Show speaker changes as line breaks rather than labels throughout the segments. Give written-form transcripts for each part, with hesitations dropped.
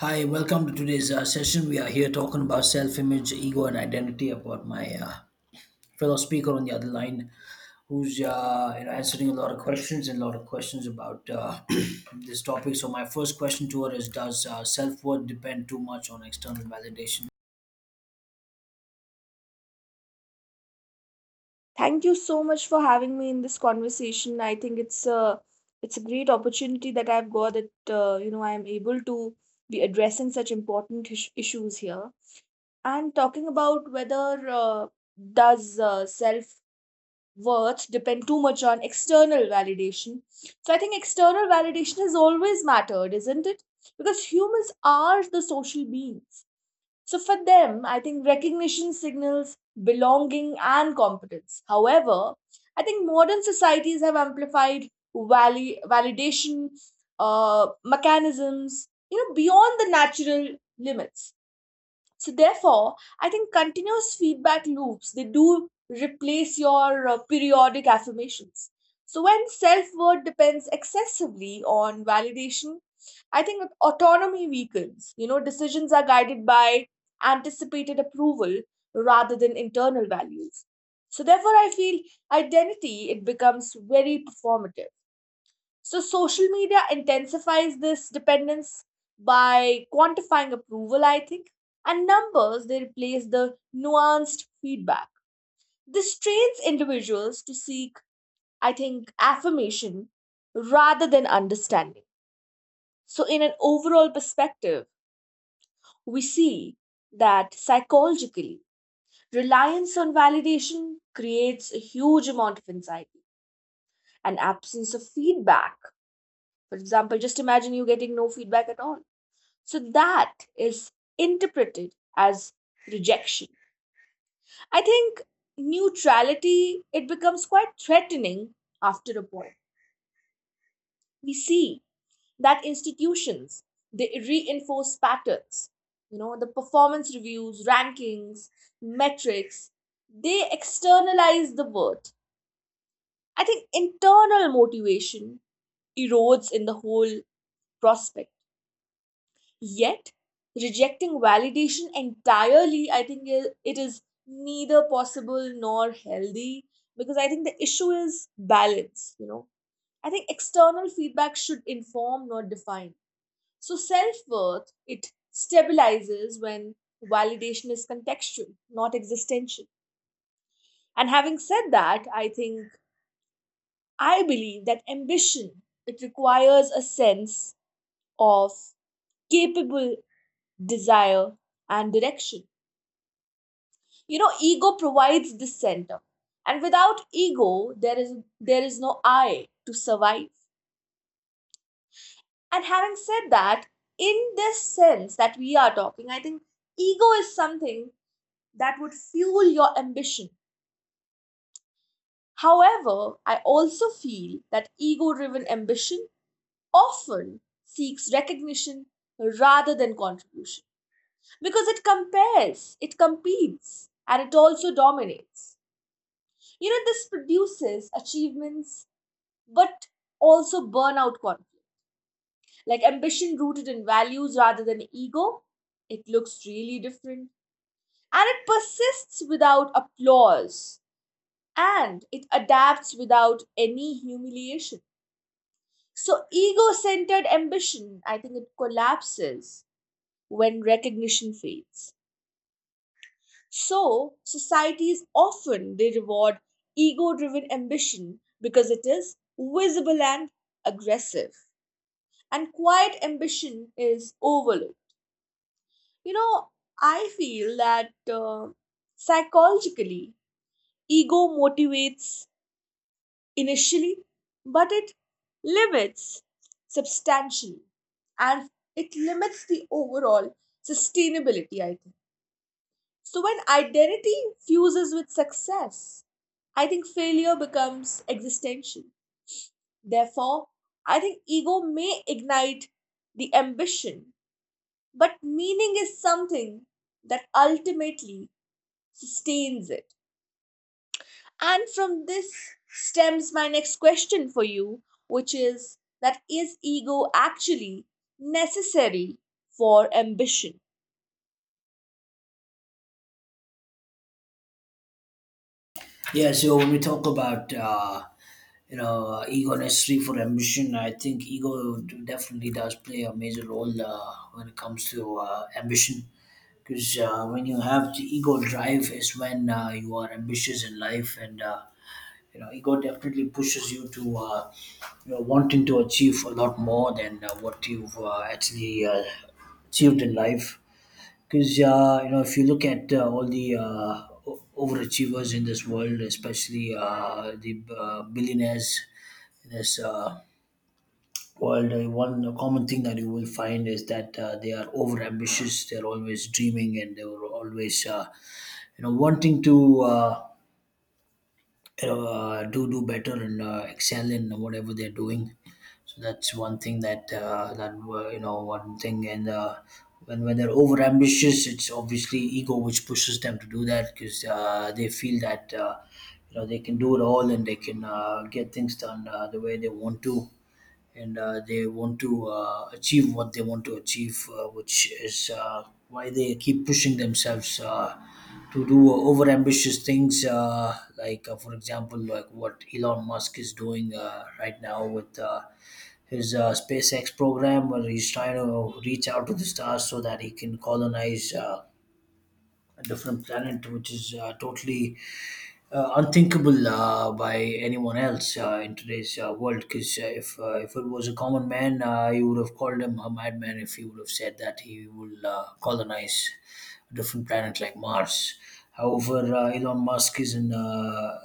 Hi, welcome to today's session. We are here talking about self image, ego, and identity. I've got my fellow speaker on the other line who's answering a lot of questions and a lot of questions about this topic. So, my first question to her is, does self worth depend too much on external validation?
Thank you so much for having me in this conversation. I think it's a great opportunity that I've got that you know, I'm able to be addressing such important issues here, and talking about whether does self worth depend too much on external validation. So I think external validation has always mattered, isn't it? Because humans are the social beings, so for them, I think recognition signals belonging and competence. However, I think modern societies have amplified validation mechanisms, you know, beyond the natural limits. So therefore, I think continuous feedback loops, they do replace your periodic affirmations. So when self-worth depends excessively on validation, I think autonomy weakens. You know, decisions are guided by anticipated approval rather than internal values. So therefore, I feel identity, it becomes very performative. So social media intensifies this dependence by quantifying approval, I think, and numbers, they replace the nuanced feedback. This trains individuals to seek, I think, affirmation rather than understanding. So, in an overall perspective, we see that psychologically, reliance on validation creates a huge amount of anxiety and absence of feedback. For example, just imagine you getting no feedback at all. So that is interpreted as rejection. I think neutrality, it becomes quite threatening after a point. We see that institutions, they reinforce patterns. You know, the performance reviews, rankings, metrics, they externalize the worth. I think internal motivation erodes in the whole prospect. Yet, rejecting validation entirely, I think it is neither possible nor healthy, because I think the issue is balance, you know. I think external feedback should inform, not define. So, self worth, it stabilizes when validation is contextual, not existential. And having said that, I think I believe that ambition, it requires a sense of capable desire and direction. You know, ego provides the center, and without ego, there is there is no I to survive. And having said that, in this sense that we are talking, I think ego is something that would fuel your ambition. However, I also feel that ego driven ambition often seeks recognition rather than contribution, because it compares, it competes, and it also dominates. You know, this produces achievements, but also burnout conflict. Like ambition rooted in values rather than ego, it looks really different. And it persists without applause, and it adapts without any humiliation. So, ego centered ambition, I think it collapses when recognition fades. So, societies often they reward ego driven ambition because it is visible and aggressive, and quiet ambition is overlooked. You know, I feel that psychologically, ego motivates initially, but it limits substantially, and it limits the overall sustainability, I think. So, when identity fuses with success, I think failure becomes existential. Therefore, I think ego may ignite the ambition, but meaning is something that ultimately sustains it. And from this stems my next question for you, which is that is ego actually necessary for ambition?
Yeah, so when we talk about ego necessary for ambition, I think ego definitely does play a major role when it comes to ambition. Because when you have the ego drive, is when you are ambitious in life, and ego definitely pushes you to wanting to achieve a lot more than what you've actually achieved in life. Because if you look at all the overachievers in this world, especially the billionaires in this world, one common thing that you will find is that they are overambitious. They're always dreaming, and they were always, wanting to. Do better and excel in whatever they're doing. So that's one thing that one thing and. When they're over ambitious, it's obviously ego which pushes them to do that because they feel that they can do it all and they can get things done the way they want to, and they want to achieve what they want to achieve, which is why they keep pushing themselves to do over ambitious things, like, for example, like what Elon Musk is doing right now with. His SpaceX program, where he's trying to reach out to the stars so that he can colonize a different planet, which is totally unthinkable by anyone else in today's world. Because if it was a common man, you would have called him a madman if he would have said that he will colonize a different planet like Mars. However, Elon Musk is in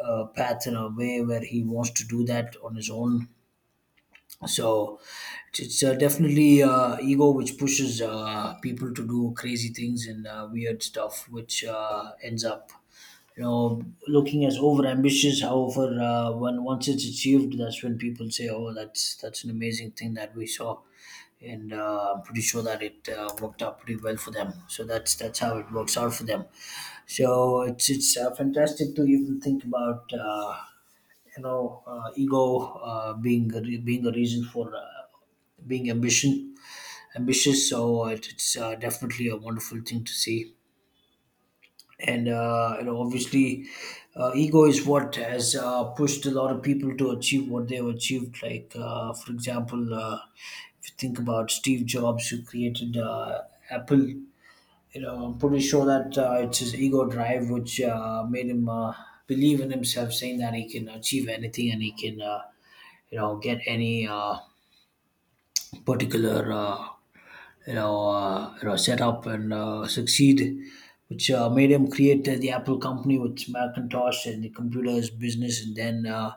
a path in a way where he wants to do that on his own, so it's definitely ego which pushes people to do crazy things and weird stuff which ends up, you know, looking as over ambitious. However, when once it's achieved, that's when people say, oh, that's an amazing thing that we saw, and I'm pretty sure that it worked out pretty well for them. So that's how it works out for them. So it's fantastic to even think about ego being a reason for being ambition ambitious, so it's definitely a wonderful thing to see. And obviously ego is what has pushed a lot of people to achieve what they've achieved, like for example, if you think about steve jobs who created apple. You know, I'm pretty sure that it's his ego drive which made him believe in himself, saying that he can achieve anything and he can, get any particular you know setup and succeed, which made him create the Apple company with Macintosh and the computers business, and then uh,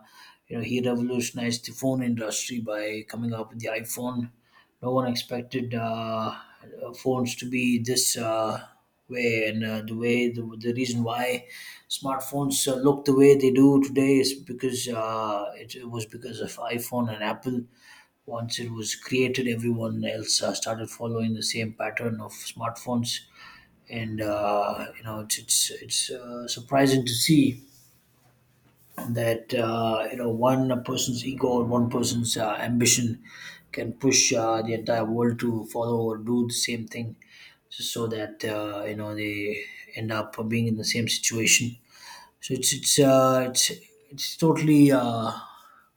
you know he revolutionized the phone industry by coming up with the iPhone. No one expected phones to be this. Way. And the way the reason why smartphones look the way they do today is because it was because of iphone and apple. Once it was created, everyone else started following the same pattern of smartphones, and you know it's surprising to see that one person's ego or one person's ambition can push the entire world to follow or do the same thing, just so that they end up being in the same situation. So it's totally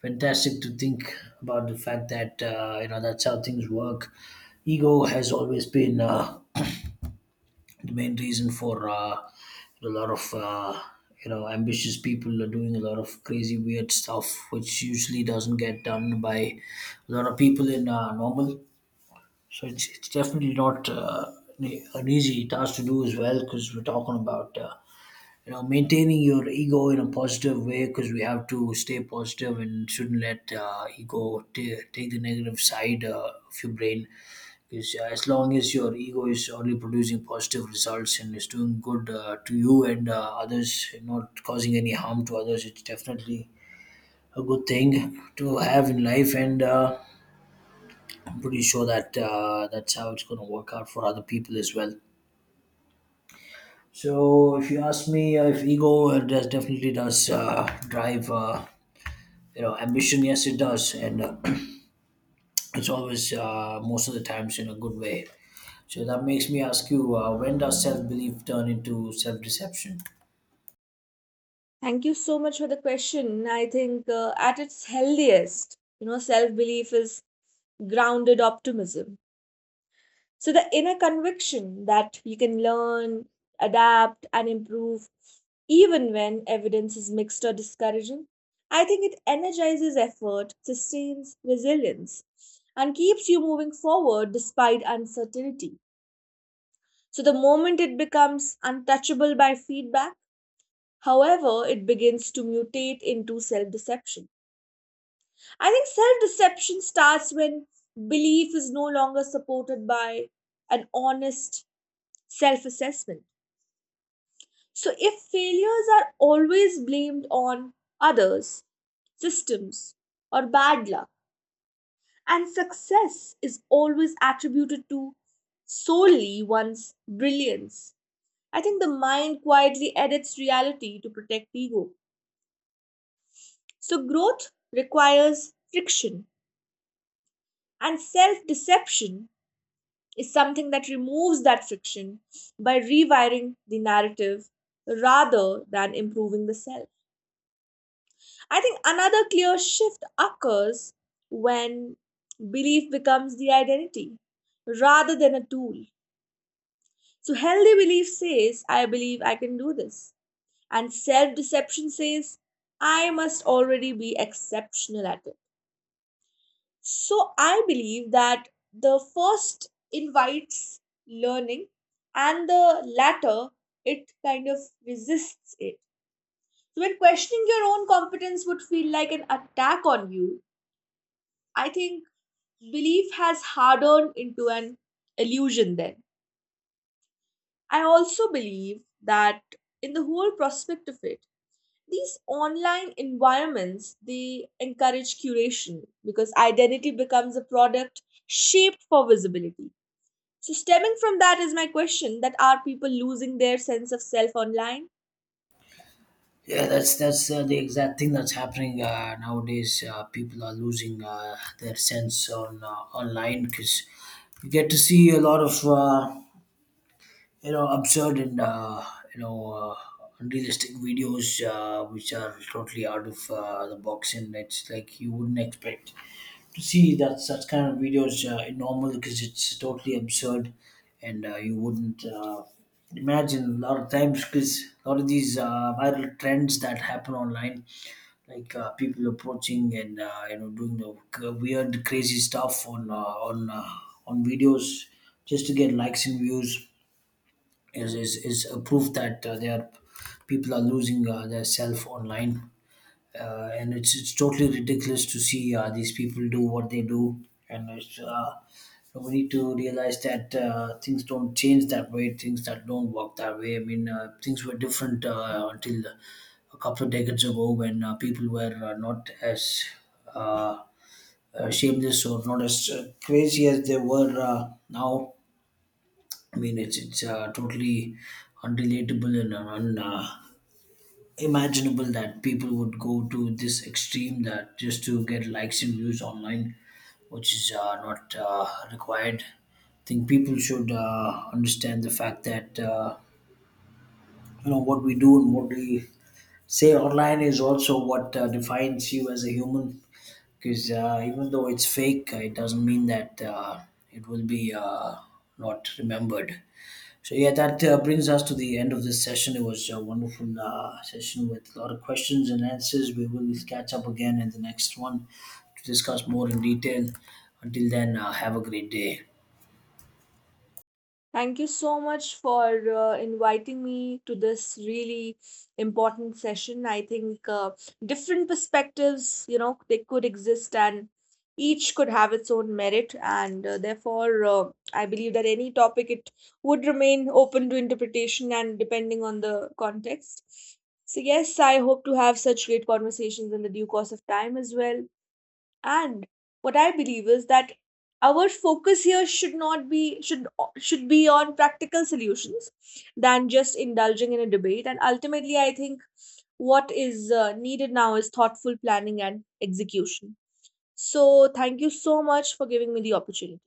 fantastic to think about the fact that that's how things work. Ego has always been the main reason for a lot of ambitious people are doing a lot of crazy weird stuff which usually doesn't get done by a lot of people in normal. So it's definitely not an easy task to do as well, because we're talking about maintaining your ego in a positive way because we have to stay positive and shouldn't let ego ta take the negative side of your brain. Because as long as your ego is only producing positive results and is doing good to you and others, not causing any harm to others, it's definitely a good thing to have in life. And I'm pretty sure that that's how it's going to work out for other people as well. So if you ask me, if ego does definitely does drive, ambition, yes it does, and it's always most of the times in a good way. So that makes me ask you, when does self belief turn into self deception?
Thank you so much for the question. I think at its healthiest, you know, self belief is grounded optimism. So the inner conviction that you can learn, adapt, and improve even when evidence is mixed or discouraging, I think it energizes effort, sustains resilience, and keeps you moving forward despite uncertainty. So the moment it becomes untouchable by feedback, however, it begins to mutate into self deception. I think self deception starts when belief is no longer supported by an honest self assessment. So, if failures are always blamed on others, systems, or bad luck, and success is always attributed to solely one's brilliance, I think the mind quietly edits reality to protect ego. So, growth requires friction, and self deception is something that removes that friction by rewiring the narrative rather than improving the self. I think another clear shift occurs when belief becomes the identity rather than a tool. So, healthy belief says, I believe I can do this. And self deception says, I must already be exceptional at it. So, I believe that the first invites learning, and the latter, it kind of resists it. So, when questioning your own competence would feel like an attack on you, I think belief has hardened into an illusion. Then I also believe that in the whole prospect of it, these online environments, they encourage curation, because identity becomes a product shaped for visibility. So stemming from that is my question that are people losing their sense of self online?
Yeah, that's the exact thing that's happening nowadays. People are losing their sense on online, because you get to see a lot of. Absurd and you know uh, unrealistic videos which are totally out of the box, and it's like you wouldn't expect to see that such kind of videos in normal because it's totally absurd. And you wouldn't imagine a lot of times, because a lot of these viral trends that happen online, like people approaching and doing the weird crazy stuff on on videos just to get likes and views is a proof that they are people are losing their self online. And it's totally ridiculous to see these people do what they do, and it's. We need to realize that things don't change that way. Things that don't work that way. I mean, things were different until a couple of decades ago when people were not as uh, shameless or not as crazy as they were now. I mean, it's totally unrelatable and unimaginable that people would go to this extreme that just to get likes and views online, which is not required. I think people should understand the fact that what we do and what we say online is also what defines you as a human. Because even though it's fake, it doesn't mean that it will be not remembered. So yeah, that brings us to the end of this session. It was a wonderful session with a lot of questions and answers. We will catch up again in the next one to discuss more in detail. Until then, have a great day.
Thank you so much for inviting me to this really important session. I think different perspectives, you know, they could exist and each could have its own merit. And therefore, I believe that any topic, it would remain open to interpretation and depending on the context. So, yes, I hope to have such great conversations in the due course of time as well. And what I believe is that our focus here should not be should be on practical solutions than just indulging in a debate. And ultimately I think what is needed now is thoughtful planning and execution. So thank you so much for giving me the opportunity.